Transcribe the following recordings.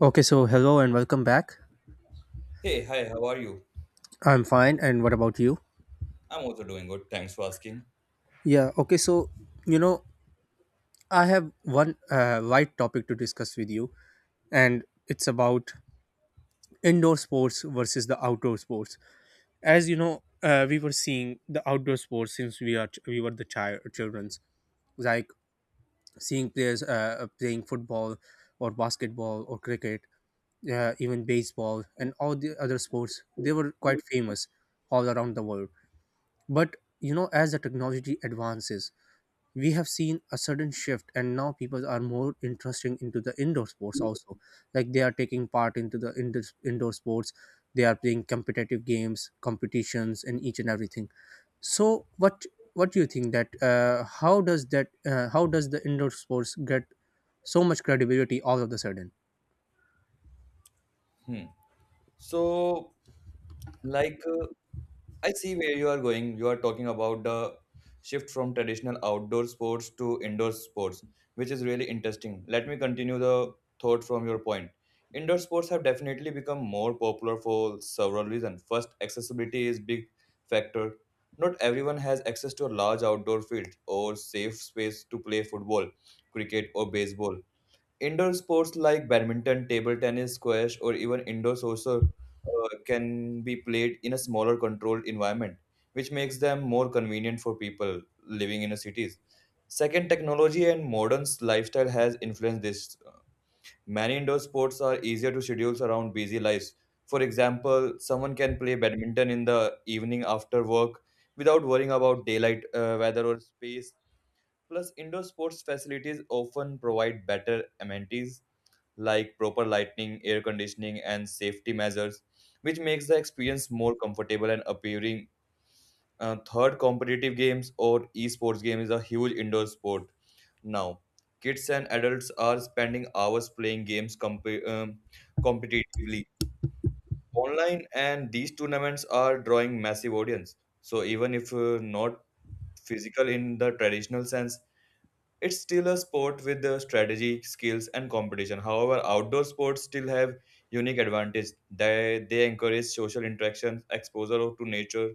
Okay, so hello and welcome back. Hey, hi, how are you? I'm fine, and what about you? I'm also doing good. Thanks for asking. Yeah, okay, so you know, I have one light topic to discuss with you, and it's about indoor sports versus the outdoor sports. As you know, we were seeing the outdoor sports since we were the childrens, like seeing players playing football or basketball or cricket, even baseball and all the other sports. They were quite famous all around the world. But as the technology advances, we have seen a sudden shift, and now people are more interested into the indoor sports also. Like they are taking part into the indoor sports, they are playing competitive games, competitions, and each and everything. So, what do you think that how does the indoor sports get so much credibility all of a sudden? Hmm. So, like, I see where you are going. You are talking about the shift from traditional outdoor sports to indoor sports, which is really interesting. Let me continue the thought from your point. Indoor sports have definitely become more popular for several reasons. First, accessibility is big factor. Not everyone has access to a large outdoor field or safe space to play football, cricket, or baseball. Indoor sports like badminton, table tennis, squash, or even indoor soccer can be played in a smaller controlled environment, which makes them more convenient for people living in the cities. Second, technology and modern lifestyle has influenced this. Many indoor sports are easier to schedule around busy lives. For example, someone can play badminton in the evening after work without worrying about daylight, weather, or space. Plus, indoor sports facilities often provide better amenities like proper lighting, air conditioning, and safety measures, which makes the experience more comfortable and appealing. Third, competitive games or esports game is a huge indoor sport now. Kids and adults are spending hours playing games competitively online, and these tournaments are drawing massive audience. So even if not physical in the traditional sense, it's still a sport with the strategy, skills, and competition. However, outdoor sports still have unique advantage. They encourage social interactions, exposure to nature,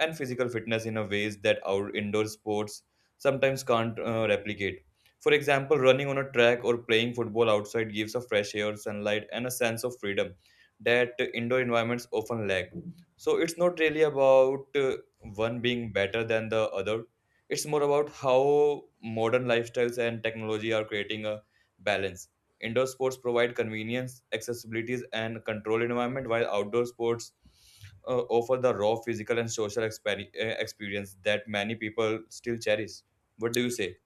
and physical fitness in a ways that our indoor sports sometimes can't replicate. For example, running on a track or playing football outside gives a fresh air, sunlight, and a sense of freedom that indoor environments often lack. So it's not really about one being better than the other. It's more about how modern lifestyles and technology are creating a balance. Indoor sports provide convenience, accessibilities, and controlled environment, while outdoor sports offer the raw physical and social experience that many people still cherish. What do you say?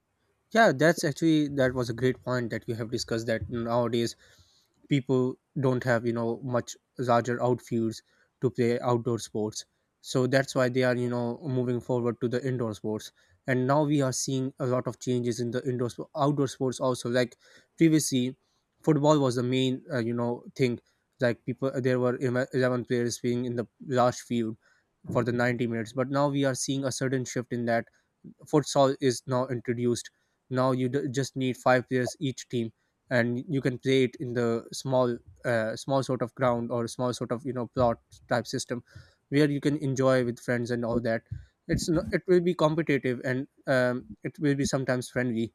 Yeah, that was a great point that you have discussed, that nowadays people don't have, much larger outfields to play outdoor sports, so that's why they are, moving forward to the indoor sports. And now we are seeing a lot of changes in the outdoor sports also, like previously football was the main thing, like people, there were 11 players being in the large field for the 90 minutes, but now we are seeing a sudden shift in that. Futsal is now introduced. Now you just need five players each team, and you can play it in the small, small sort of ground or small sort of, plot type system, where you can enjoy with friends and all that. It's no, it will be competitive, and it will be sometimes friendly.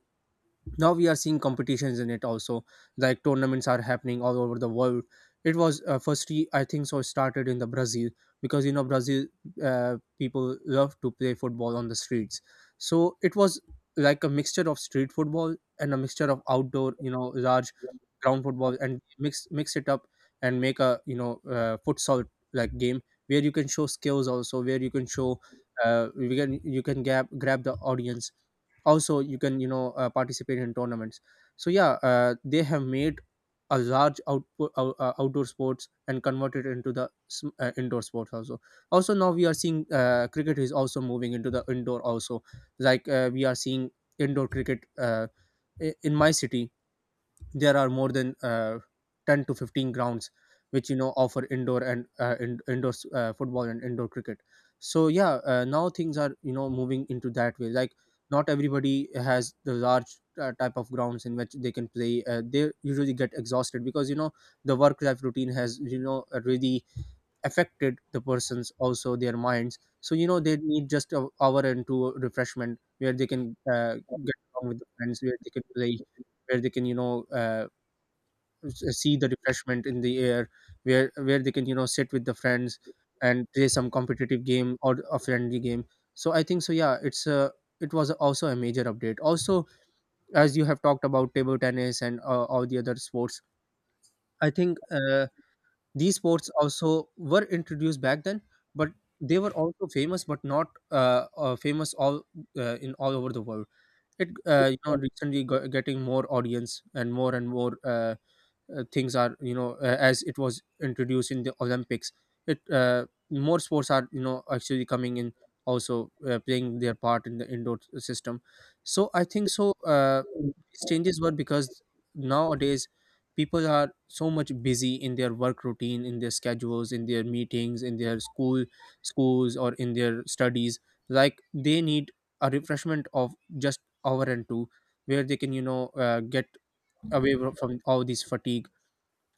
Now we are seeing competitions in it also, like tournaments are happening all over the world. It was, firstly I think so, started in the Brazil, because Brazil, people love to play football on the streets. So it was like a mixture of street football and a mixture of outdoor, large ground football, and mix it up and make a, futsal like game, where you can show skills, also where you can grab the audience. Also you can, participate in tournaments. So yeah, they have made a large output outdoor sports and converted into the indoor sports also. Also now we are seeing, cricket is also moving into the indoor also, like, we are seeing indoor cricket, in my city there are more than, 10 to 15 grounds which offer indoor and, indoor football and indoor cricket. So yeah, now things are, moving into that way, like not everybody has the large type of grounds in which they can play, they usually get exhausted because the work life routine has, really affected the persons also, their minds. So they need just an hour and two refreshment where they can, get along with the friends, where they can play, where they can, see the refreshment in the air, where they can, sit with the friends and play some competitive game or a friendly game. So I think so, yeah, it was also a major update also. As you have talked about table tennis and, all the other sports, I think, these sports also were introduced back then, but they were also famous, but not, famous all in all over the world. It, recently getting more audience, and more and more, things are, as it was introduced in the Olympics, it, more sports are, actually coming in, also, playing their part in the indoor system. So I think so, these changes were because nowadays people are so much busy in their work routine, in their schedules, in their meetings, in their schools, or in their studies. Like they need a refreshment of just hour and two, where they can, get away from all these fatigue.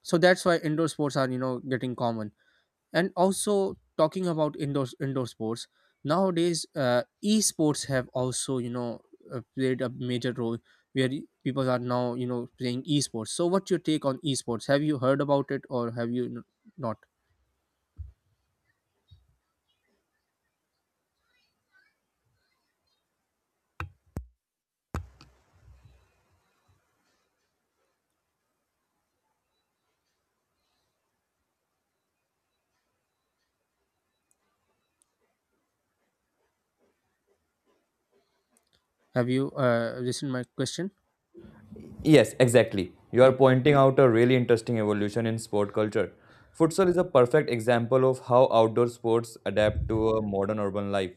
So that's why indoor sports are, getting common. And also, talking about indoor sports, nowadays, esports have also, played a major role, where people are now, playing esports. So what's your take on esports? Have you heard about it, or have you not? Have you, listened my question? Yes, exactly. You are Yeah, pointing out a really interesting evolution in sport culture. Futsal is a perfect example of how outdoor sports adapt to a modern urban life.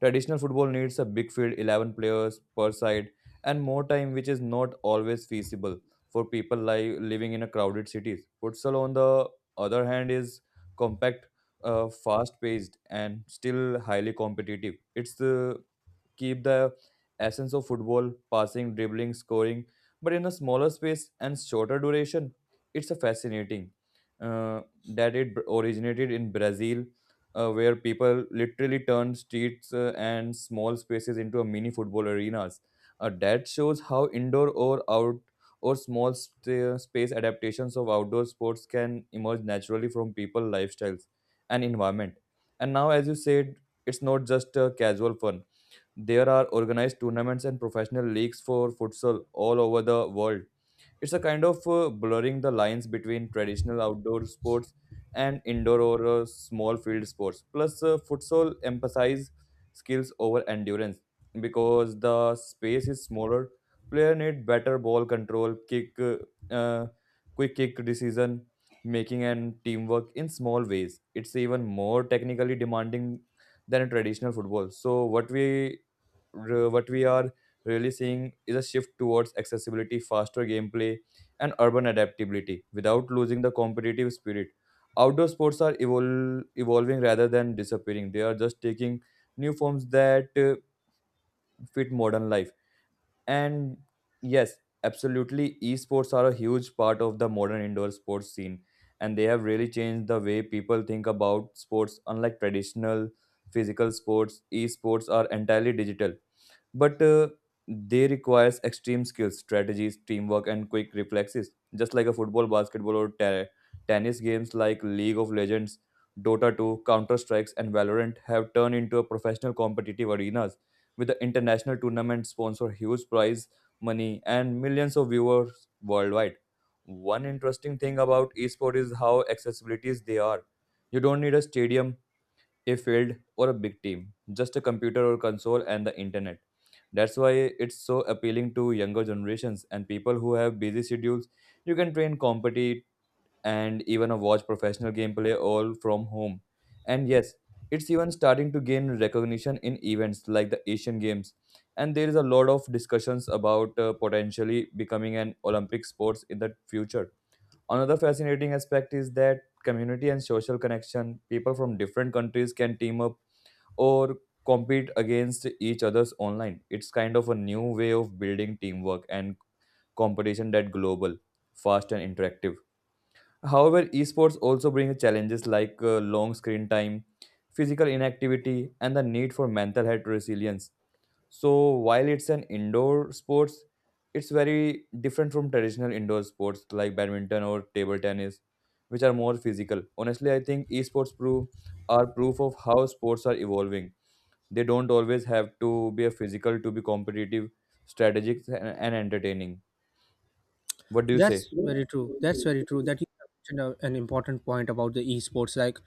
Traditional football needs a big field, 11 players per side, and more time, which is not always feasible for people living in a crowded cities. Futsal, on the other hand, is compact, fast-paced, and still highly competitive. It's the keep the essence of football passing, dribbling, scoring but in a smaller space and shorter duration. It's a fascinating that it originated in Brazil, where people literally turned streets and small spaces into a mini football arenas. That shows how indoor or out or small st- space adaptations of outdoor sports can emerge naturally from people lifestyles and environment. And now, as you said, it's not just a casual fun. There are organized tournaments and professional leagues for futsal all over the world. It's a kind of blurring the lines between traditional outdoor sports and indoor or small field sports. Plus, futsal emphasize skills over endurance because the space is smaller. Player need better ball control, kick, uh, quick kick decision making, and teamwork in small ways. It's even more technically demanding than a traditional football. So what we are really seeing is a shift towards accessibility, faster gameplay, and urban adaptability without losing the competitive spirit. Outdoor sports are evolving rather than disappearing. They are just taking new forms that fit modern life. And yes, absolutely, esports are a huge part of the modern indoor sports scene, and they have really changed the way people think about sports. Unlike traditional physical sports, esports are entirely digital but they requires extreme skills strategies teamwork and quick reflexes just like a football basketball or tennis games like League of Legends, Dota 2, Counter Strikes, and Valorant have turned into a professional competitive arenas with the international tournament sponsor huge prize money and millions of viewers worldwide. One interesting thing about esports is how accessibilities they are. You don't need a stadium, a field, or a big team, just a computer or console and the internet. That's why it's so appealing to younger generations and people who have busy schedules. You can train, compete, and even watch professional gameplay all from home. And yes, it's even starting to gain recognition in events like the Asian Games. And there is a lot of discussions about potentially becoming an Olympic sports in the future. Another fascinating aspect is that community and social connection. People from different countries can team up or compete against each others online. It's kind of a new way of building teamwork and competition that global, fast, and interactive. However, esports also bring challenges like long screen time, physical inactivity, and the need for mental health resilience. So while it's an indoor sports, it's very different from traditional indoor sports like badminton or table tennis, which are more physical. Honestly, I think esports prove are proof of how sports are evolving. They don't always have to be a physical to be competitive, strategic, and entertaining. What do you say? that's very true, that's very true, that you mentioned an important point about the esports. Like,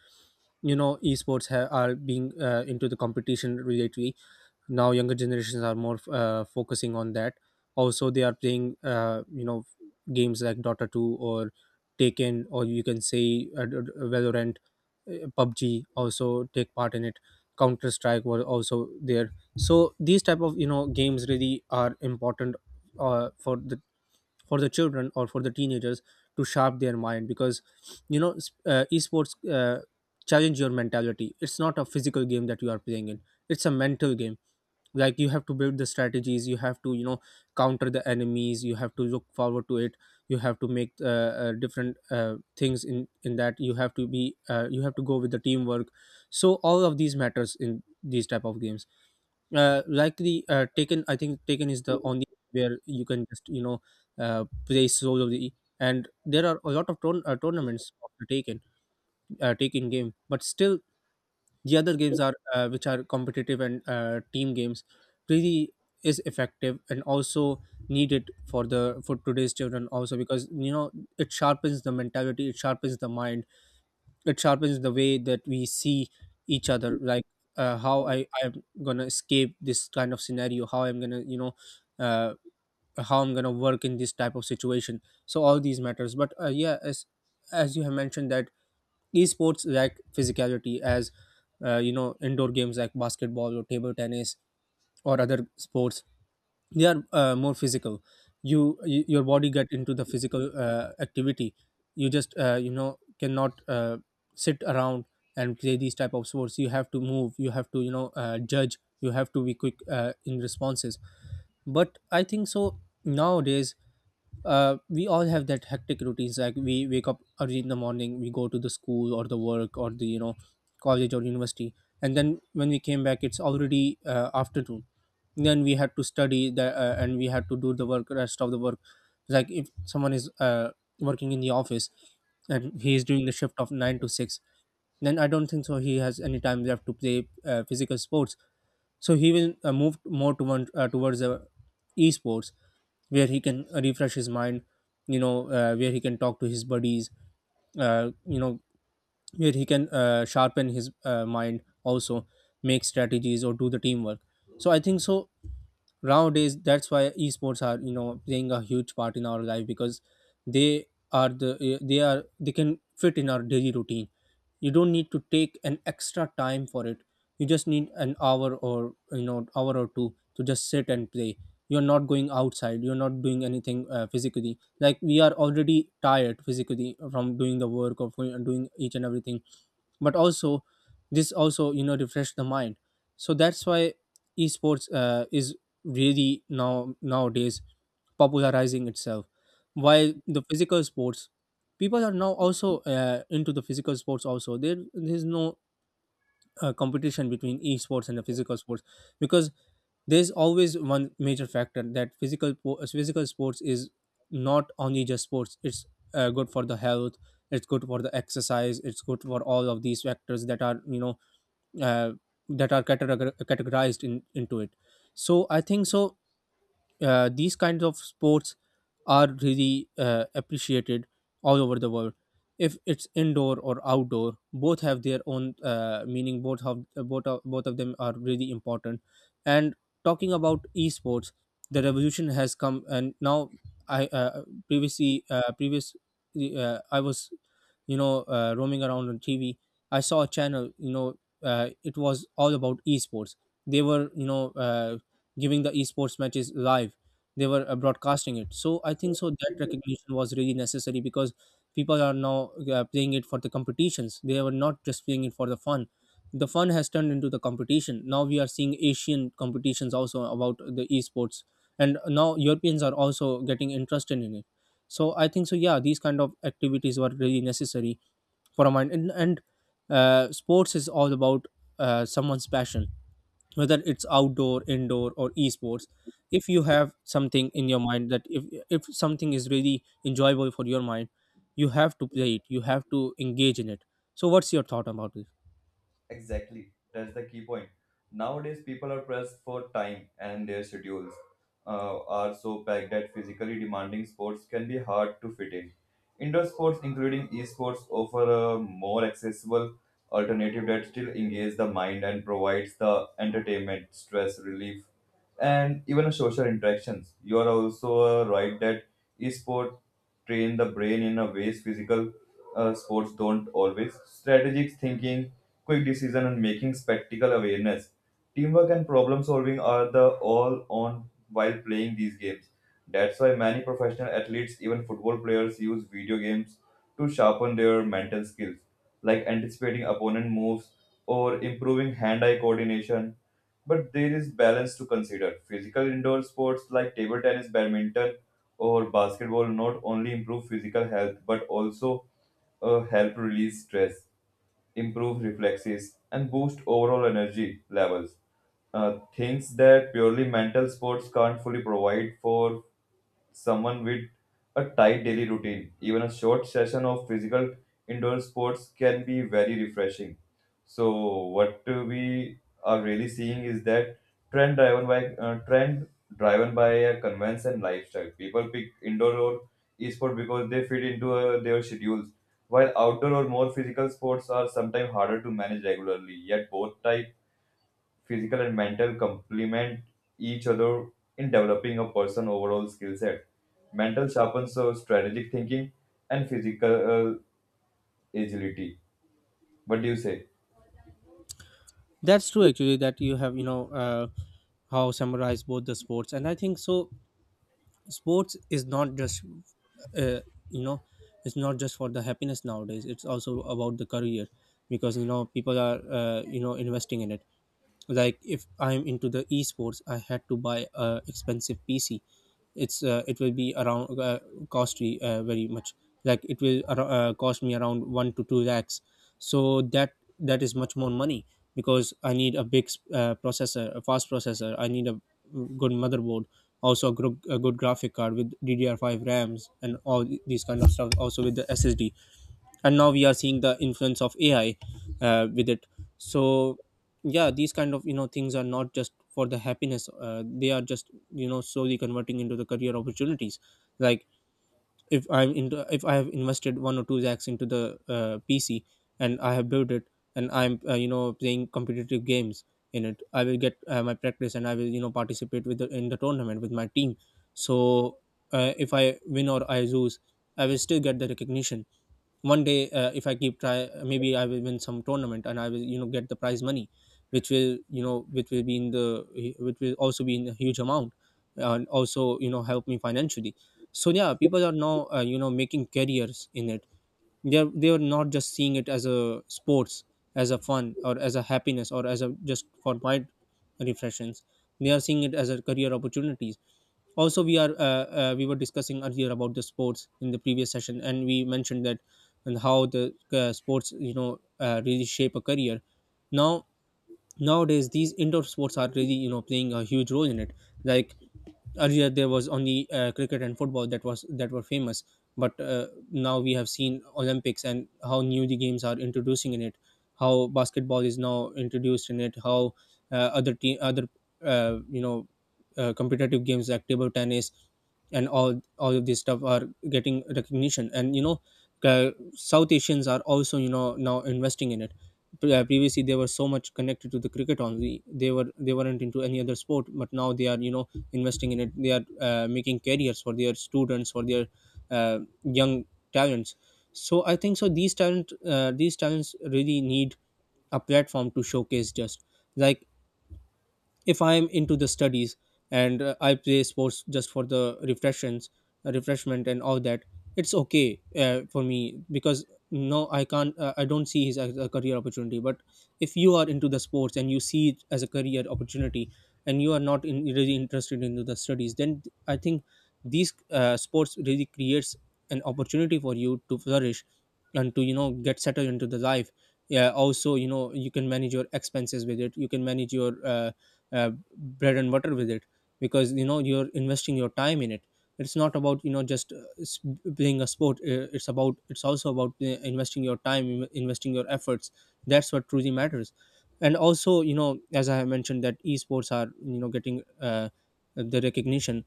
esports are being, into the competition related. Now younger generations are more, focusing on that. Also they are playing, games like dota 2, or taken, or you can say, valorant, pubg, also take part in it. Counter strike were also there. So these type of, games really are important, uh, for the for the children or for the teenagers, to sharp their mind. Because esports, challenge your mentality. It's not a physical game that you are playing in. It's a mental game. Like, you have to build the strategies, you have to, counter the enemies, you have to look forward to it, you have to make, different things, in that, you have to be, you have to go with the teamwork. So all of these matters in these type of games. Like the Taken, I think taken is the only where you can just, play solely, and there are a lot of tournaments of the taken game, but still the other games are which are competitive and, team games, really is effective, and also needed for the, for today's children also. Because it sharpens the mentality, it sharpens the mind, it sharpens the way that we see each other. Like, how I'm gonna escape this kind of scenario, how I'm gonna, uh, how I'm gonna work in this type of situation. So all these matters, but, yeah, as you have mentioned that esports lack physicality, as, indoor games like basketball or table tennis or other sports, they are, more physical. You, y your body get into the physical, activity. You just, cannot, sit around and play these type of sports. You have to move, you have to, judge, you have to be quick, in responses. But I think so, nowadays, we all have that hectic routines. Like, we wake up early in the morning, we go to the school or the work or the, college or university, and then when we came back it's already, afternoon. Then we had to study the and we had to do the work, rest of the work. Like, if someone is, working in the office, and he is doing the shift of 9 to 6, then I don't think so he has any time left to play, physical sports. So he will, move more to one, towards, esports, where he can, refresh his mind, where he can talk to his buddies, uh, you know where he can, sharpen his, mind also, make strategies or do the teamwork. So I think so nowadays, that's why esports are, playing a huge part in our life, because they they are, they can fit in our daily routine. You don't need to take an extra time for it. You just need an hour or, hour or two to just sit and play. You're not going outside, you're not doing anything, physically, like we are already tired physically from doing the work of, doing each and everything. But also this also, refresh the mind. So that's why esports, is really now nowadays popularizing itself, while the physical sports, people are now also, into the physical sports also. There's no, competition between esports and the physical sports, because there's always one major factor, that physical, physical sports is not only just sports, it's, good for the health, it's good for the exercise, it's good for all of these factors that are, uh, that are categorized into it. So I think so, these kinds of sports are really, appreciated all over the world. If it's indoor or outdoor, both have their own, meaning Both have both of them are really important. And talking about esports, the revolution has come. And now I previously previous I was roaming around on TV. I saw a channel, it was all about esports. They were giving the esports matches live. They were broadcasting it. So I think so that recognition was really necessary, because people are now playing it for the competitions. They were not just playing it for the fun. The fun has turned into the competition. Now we are seeing Asian competitions also about the esports, and now Europeans are also getting interested in it. So I think so. Yeah, these kind of activities were really necessary for a mind. And Sports is all about someone's passion, whether it's outdoor, indoor, or esports. If you have something in your mind, that if something is really enjoyable for your mind, you have to play it, you have to engage in it. So what's your thought about this? Exactly. That's the key point. Nowadays, people are pressed for time, and their schedules are so packed that physically demanding sports can be hard to fit in. Indoor sports, including esports, offer a more accessible alternative that still engages the mind and provides the entertainment, stress relief, and even a social interactions. You are also right that esport train the brain in a ways physical sports don't always. Strategic thinking, quick decision and making, spectacle awareness. Teamwork and problem solving are the all on while playing these games. That's why many professional athletes, even football players, use video games to sharpen their mental skills, like anticipating opponent moves or improving hand-eye coordination. But there is balance to consider. Physical indoor sports like table tennis, badminton, or basketball not only improve physical health but also help release stress, improve reflexes, and boost overall energy levels. Things that purely mental sports can't fully provide for someone with a tight daily routine, even a short session of physical indoor sports can be very refreshing. So what we are really seeing is that trend driven by a convenience and lifestyle. People pick indoor or esport because they fit into their schedules, while outdoor or more physical sports are sometimes harder to manage regularly. Yet both type, physical and mental, complement each other in developing a person overall skill set. Mental sharpens strategic thinking and physical agility. What do you say? That's true, actually, that you have, you know, how summarize both the sports. And I think so, sports is not just uh, you know it's not just for the happiness nowadays, it's also about the career, because, you know, people are, you know, investing in it. Like if I'm into the esports, I had to buy a expensive PC. It will be around, costly, very much. Like it will cost me around 1 to 2 lakhs. So that, that is much more money, because I need a big, processor, a fast processor. I need a good motherboard, also a good graphic card with DDR5 rams and all these kind of stuff, also with the ssd. And now we are seeing the influence of ai with it. So yeah, these kind of, you know, things are not just for the happiness, they are just, you know, slowly converting into the career opportunities. Like if I'm into, if I have invested one or two lakhs into the PC, and I have built it, and I'm, you know, playing competitive games in it, I will get, my practice, and I will, you know, participate in the tournament with my team. So if I win or I lose, I will still get the recognition. One day, if I keep try, maybe I will win some tournament, and I will, you know, get the prize money, which will, you know, which will also be in a huge amount, and also, you know, help me financially. So yeah, people are now, you know, making careers in it. They're not just seeing it as a sports, as a fun, or as a happiness, or as a just for mind refreshments. They are seeing it as a career opportunities. Also, we are, we were discussing earlier about the sports in the previous session, and we mentioned that, and how the sports, you know, really shape a career. Now, nowadays, these indoor sports are really, you know, playing a huge role in it. Like, earlier there was only, cricket and football that were famous. But now we have seen olympics, and how new the games are introducing in it, how basketball is now introduced in it, how other team, other, uh, you know competitive games like table tennis, and all of this stuff are getting recognition. And, you know, uh, south asians are also, you know, now investing in it. Previously they were so much connected to the cricket only, they weren't into any other sport. But now they are, you know, investing in it. They are, making careers for their students, for their young talents. So I think so these talent these talents really need a platform to showcase. Just like, if I'm into the studies, and I play sports just for the refreshment and all that, it's okay, for me, because no, I can't, I don't see his as a career opportunity. But if you are into the sports and you see it as a career opportunity, and you are not in, really interested into the studies, then I think these sports really creates an opportunity for you to flourish, and to, you know, get settled into the life. Yeah, also, you know, you can manage your expenses with it, you can manage your bread and butter with it, because, you know, you're investing your time in it. It's not about, you know, just playing a sport. It's about, it's also about, investing your time investing your efforts. That's what truly matters. And also, you know, as I have mentioned, that esports are, you know, getting the recognition.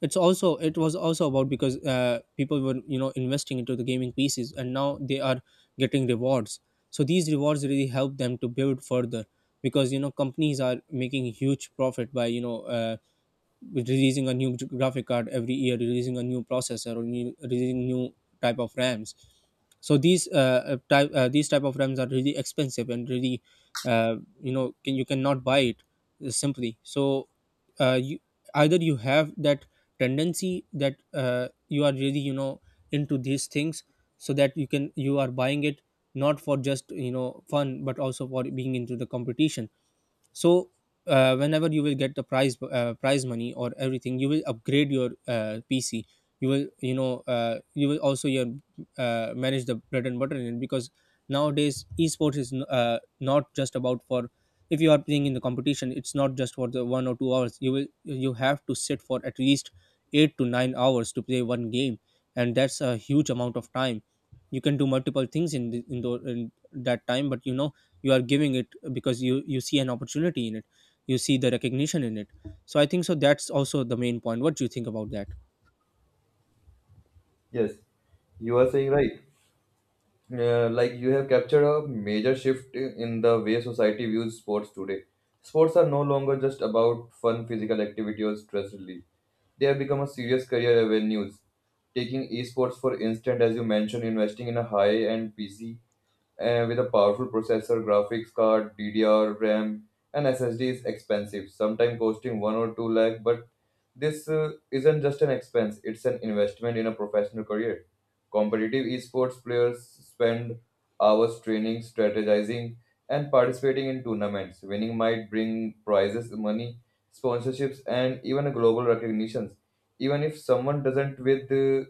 It was also about because, people were, you know, investing into the gaming pieces, and now they are getting rewards. So these rewards really help them to build further, because, you know, companies are making huge profit by, you know, with releasing a new graphic card every year, releasing a new processor, or releasing new type of rams. So these type these type of rams are really expensive, and really, you cannot buy it simply. So you either you have that tendency that, you are really, you know, into these things, so that you can, you are buying it not for just, you know, fun, but also for being into the competition. So whenever you will get the prize money or everything, you will upgrade your PC. You will, you know, you will also your manage the bread and butter in it, because nowadays esports is not just about for, if you are playing in the competition, it's not just for the one or two hours. You have to sit for at least 8 to 9 hours to play one game, and that's a huge amount of time. You can do multiple things in that time, but you know, you are giving it, because you see an opportunity in it, you see the recognition in it. So I think so that's also the main point. What do you think about that? Yes, you are saying right. Like you have captured a major shift in the way society views sports today. Sports are no longer just about fun physical activity or stress relief. They have become a serious career avenues. Taking esports for instance, as you mentioned, investing in a high-end PC with a powerful processor, graphics card, DDR, RAM, and SSD is expensive, sometimes costing one or two lakh. But this isn't just an expense; it's an investment in a professional career. Competitive esports players spend hours training, strategizing, and participating in tournaments. Winning might bring prizes, money, sponsorships, and even a global recognitions. Even if someone doesn't with uh,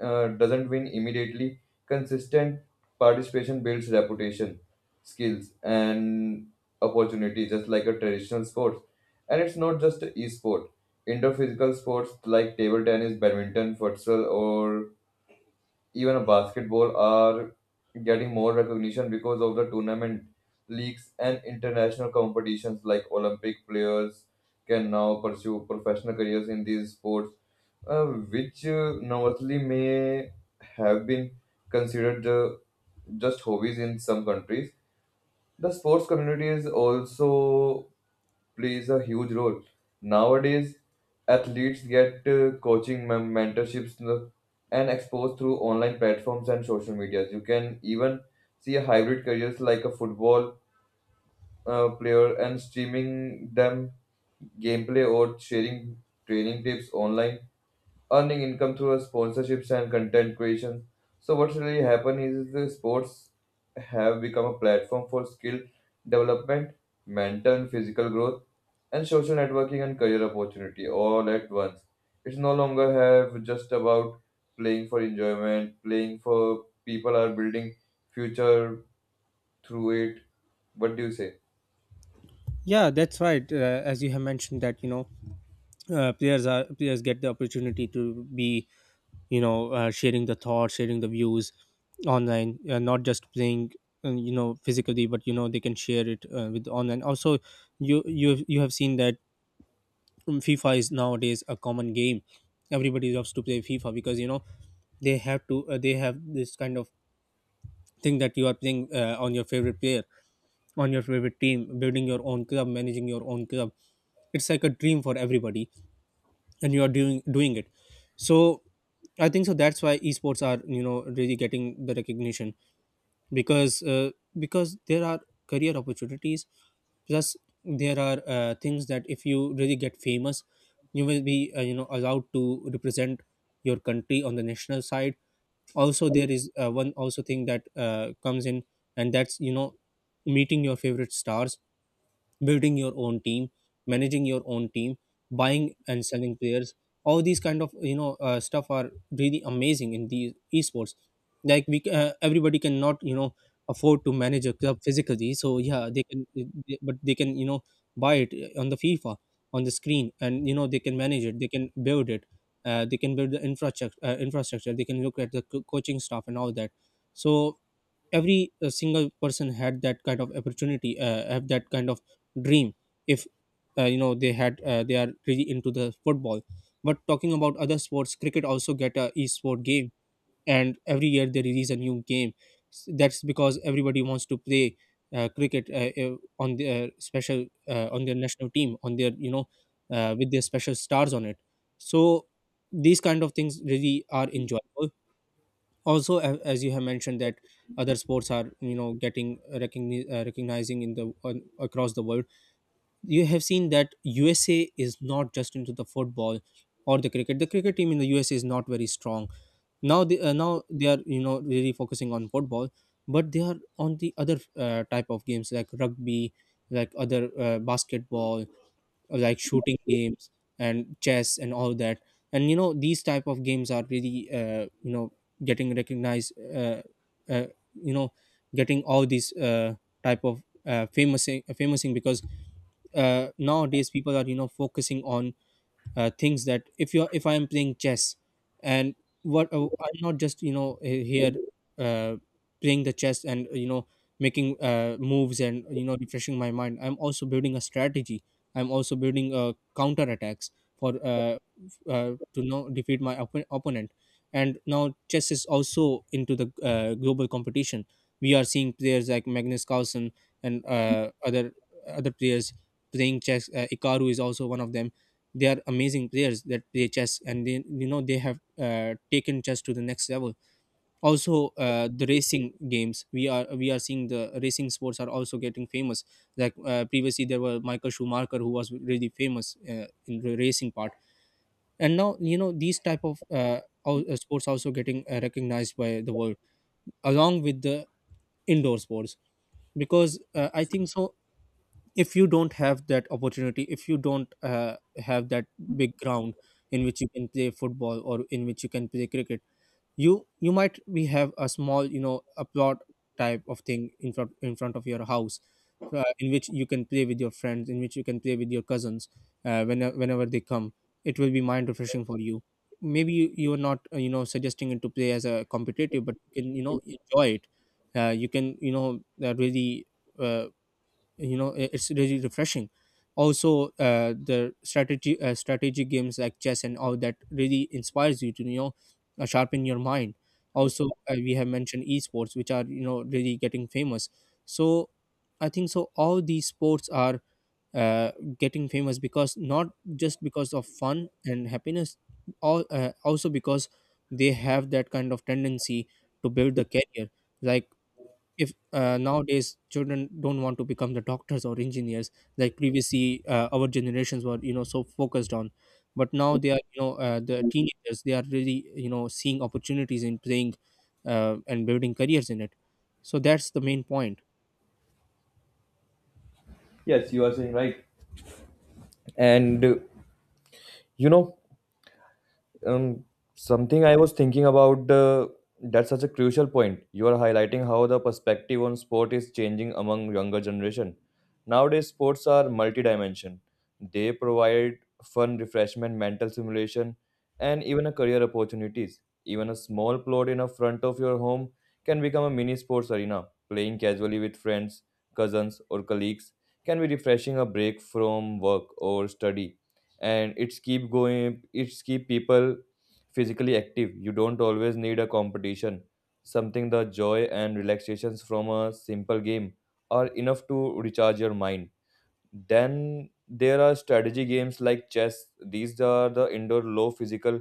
uh, doesn't win immediately, consistent participation builds reputation, skills, and opportunity, just like a traditional sports. And it's not just a e-sport. Indoor physical sports like table tennis, badminton, futsal, or even a basketball are getting more recognition because of the tournament leagues and international competitions like Olympic players can now pursue professional careers in these sports which Nawatli may have been considered just hobbies in some countries. The sports community is also plays a huge role. Nowadays, athletes get coaching, mentorships, and exposed through online platforms and social medias. You can even see a hybrid careers like a football player and streaming them gameplay or sharing training tips online, earning income through our sponsorships and content creation. So what's really happened is the sports have become a platform for skill development, mental and physical growth, and social networking and career opportunity all at once. It's no longer have just about playing for enjoyment, playing for people are building future through it. What do you say? Yeah, that's right. As you have mentioned that, you know, players are, players get the opportunity to be, you know, sharing the thoughts, sharing the views online. Not just playing, you know, physically, but you know, they can share it, with online also. You have seen that FIFA is nowadays a common game. Everybody loves to play FIFA, because, you know, they have to, they have this kind of thing that you are playing, on your favorite player, on your favorite team, building your own club, managing your own club. It's like a dream for everybody, and you are doing it. So I think so. That's why esports are, you know, really getting the recognition, because uh, because there are career opportunities, plus there are, things that if you really get famous, you will be, you know, allowed to represent your country on the national side. Also there is, one also thing that, comes in, and that's, you know, meeting your favorite stars, building your own team, managing your own team, buying and selling players. All these kind of, you know, stuff are really amazing in the esports. Like, everybody cannot, you know, afford to manage a club physically. So yeah, but they can, you know, buy it, on the fifa, on the screen, and you know, they can manage it, they can build it, they can build the infrastructure, they can look at the coaching staff and all that. So every, single person had that kind of opportunity have that kind of dream, if, they are really into the football. But talking about other sports, cricket also get a e-sport game, and every year they release a new game. That's because everybody wants to play, cricket, on their special, on their national team, on their, you know, with their special stars on it. So these kind of things really are enjoyable. Also, as you have mentioned that other sports are, you know, getting recognizing in the, across the world. You have seen that USA is not just into the football or the cricket. The cricket team in the USA is Not very strong now. They Now they are really focusing on football, but they are on the other type of games like rugby, like other basketball, like shooting games, and chess and all that. And these type of games are really getting recognized, uh, you know getting all these type of famous thing, because nowadays people are focusing on things that, if you are, if I am playing chess and what I'm not just here uh, playing the chess and making moves and refreshing my mind. I'm also building a strategy. I'm also building counter attacks for uh, f- to defeat my opponent. And now chess is also into the global competition. We are seeing players like Magnus Carlsen and other players playing chess. Ikaru is also one of them. They are amazing players that play chess, and they you know they have taken chess to the next level. Also, the racing games, we are seeing the racing sports are also getting famous. Like, previously there were Michael Schumacher, who was really famous in the racing part. And now, these type of sports also getting recognized by the world, along with the indoor sports. Because I think so, if you don't have that opportunity, if you don't have that big ground in which you can play football or in which you can play cricket, you might, we have a small, a plot type of thing in front of your house, in which you can play with your friends, in which you can play with your cousins whenever they come. It will be mind refreshing for you. Maybe you are not suggesting it to play as a competitive, but you can enjoy it. Uh, you can really, uh, it's really refreshing. Also, the strategy games like chess and all that really inspires you to sharpen your mind. Also, we have mentioned esports, which are really getting famous. So I think so all these sports are uh, getting famous because, not just because of fun and happiness, all also because they have that kind of tendency to build the career. Like, if nowadays children don't want to become the doctors or engineers, like previously our generations were, so focused on, but now they are, the teenagers, they are really seeing opportunities in playing and building careers in it. So that's the main point. Yes, you are saying right. And you know, um, something I was thinking about. That's such a crucial point. You are highlighting how the perspective on sport is changing among younger generation. Nowadays, sports are multi-dimension. They provide fun, refreshment, mental simulation, and even a career opportunities. Even a small plot in a front of your home can become a mini sports arena. Playing casually with friends, cousins, or colleagues can be refreshing a break from work or study, and it's keep going, it's keep people physically active. You don't always need a competition, something the joy and relaxations from a simple game are enough to recharge your mind. Then there are strategy games like chess. These are the indoor, low physical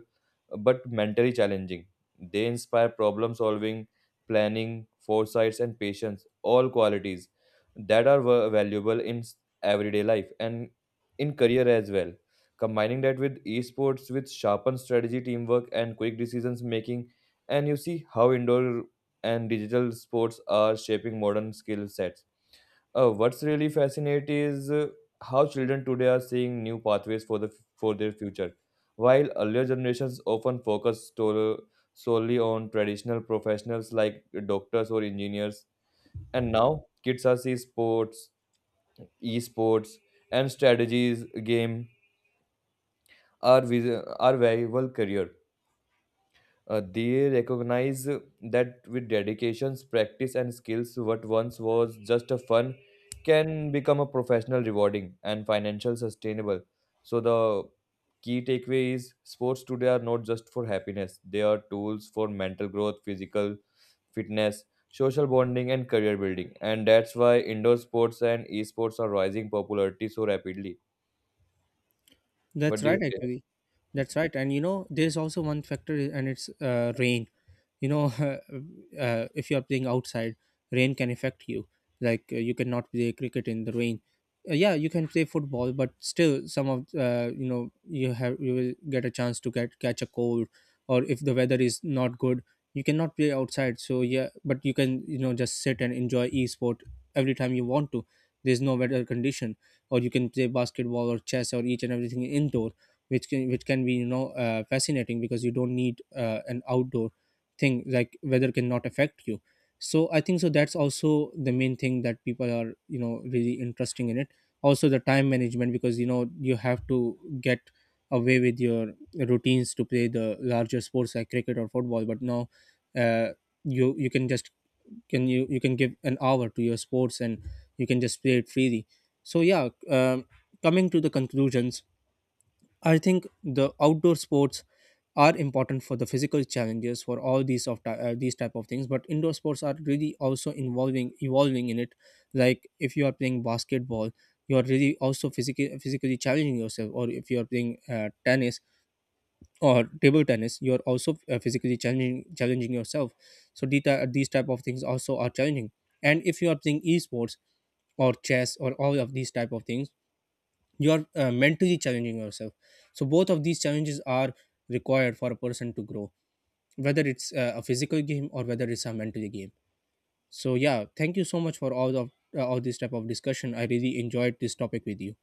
but mentally challenging. They inspire problem solving, planning, foresights, and patience, all qualities that are valuable in everyday life and in career as well. Combining that with esports, with sharpened strategy, teamwork, and quick decisions making, and you see how indoor and digital sports are shaping modern skill sets. What's really fascinating is how children today are seeing new pathways for their future. While earlier generations often focused to, solely on traditional professionals like doctors or engineers, and now kids are seeing sports, esports, and strategies game are valuable career. They recognize that with dedications, practice, and skills, what once was just a fun can become a professional, rewarding, and financial sustainable. So the key takeaway is sports today are not just for happiness; they are tools for mental growth, physical fitness, social bonding, and career building. And that's why indoor sports and esports are rising popularity so rapidly. What That's do you right, say? actually. That's right. And you know, there's also one factor, and it's rain. You know, if you are playing outside, rain can affect you. Like, you cannot play cricket in the rain. Yeah, you can play football, but still, some of, you will get a chance to get, catch a cold, or if the weather is not good, you cannot play outside. So yeah, but you can, just sit and enjoy e sport every time you want to. There's no weather condition, or you can play basketball or chess or each and everything indoor, which can be, fascinating, because you don't need an outdoor thing. Like, weather cannot affect you. So I think so that's also the main thing, that people are, really interesting in it. Also the time management, because you have to get away with your routines to play the larger sports like cricket or football. But now, uh, you can just, can you you can give an hour to your sports and you can just play it freely. So yeah. Coming to the conclusions, I think the outdoor sports are important for the physical challenges, for all these type of things, but indoor sports are really also involving, evolving in it. Like if you are playing basketball, you are really also physically challenging yourself. Or if you are playing tennis or table tennis, you're also physically challenging yourself. So these type of things also are challenging. And if you are playing esports or chess or all of these type of things, you are mentally challenging yourself. So both of these challenges are required for a person to grow, whether it's a physical game or whether it's a mental game. So yeah, thank you so much for all this type of discussion. I really enjoyed this topic with you.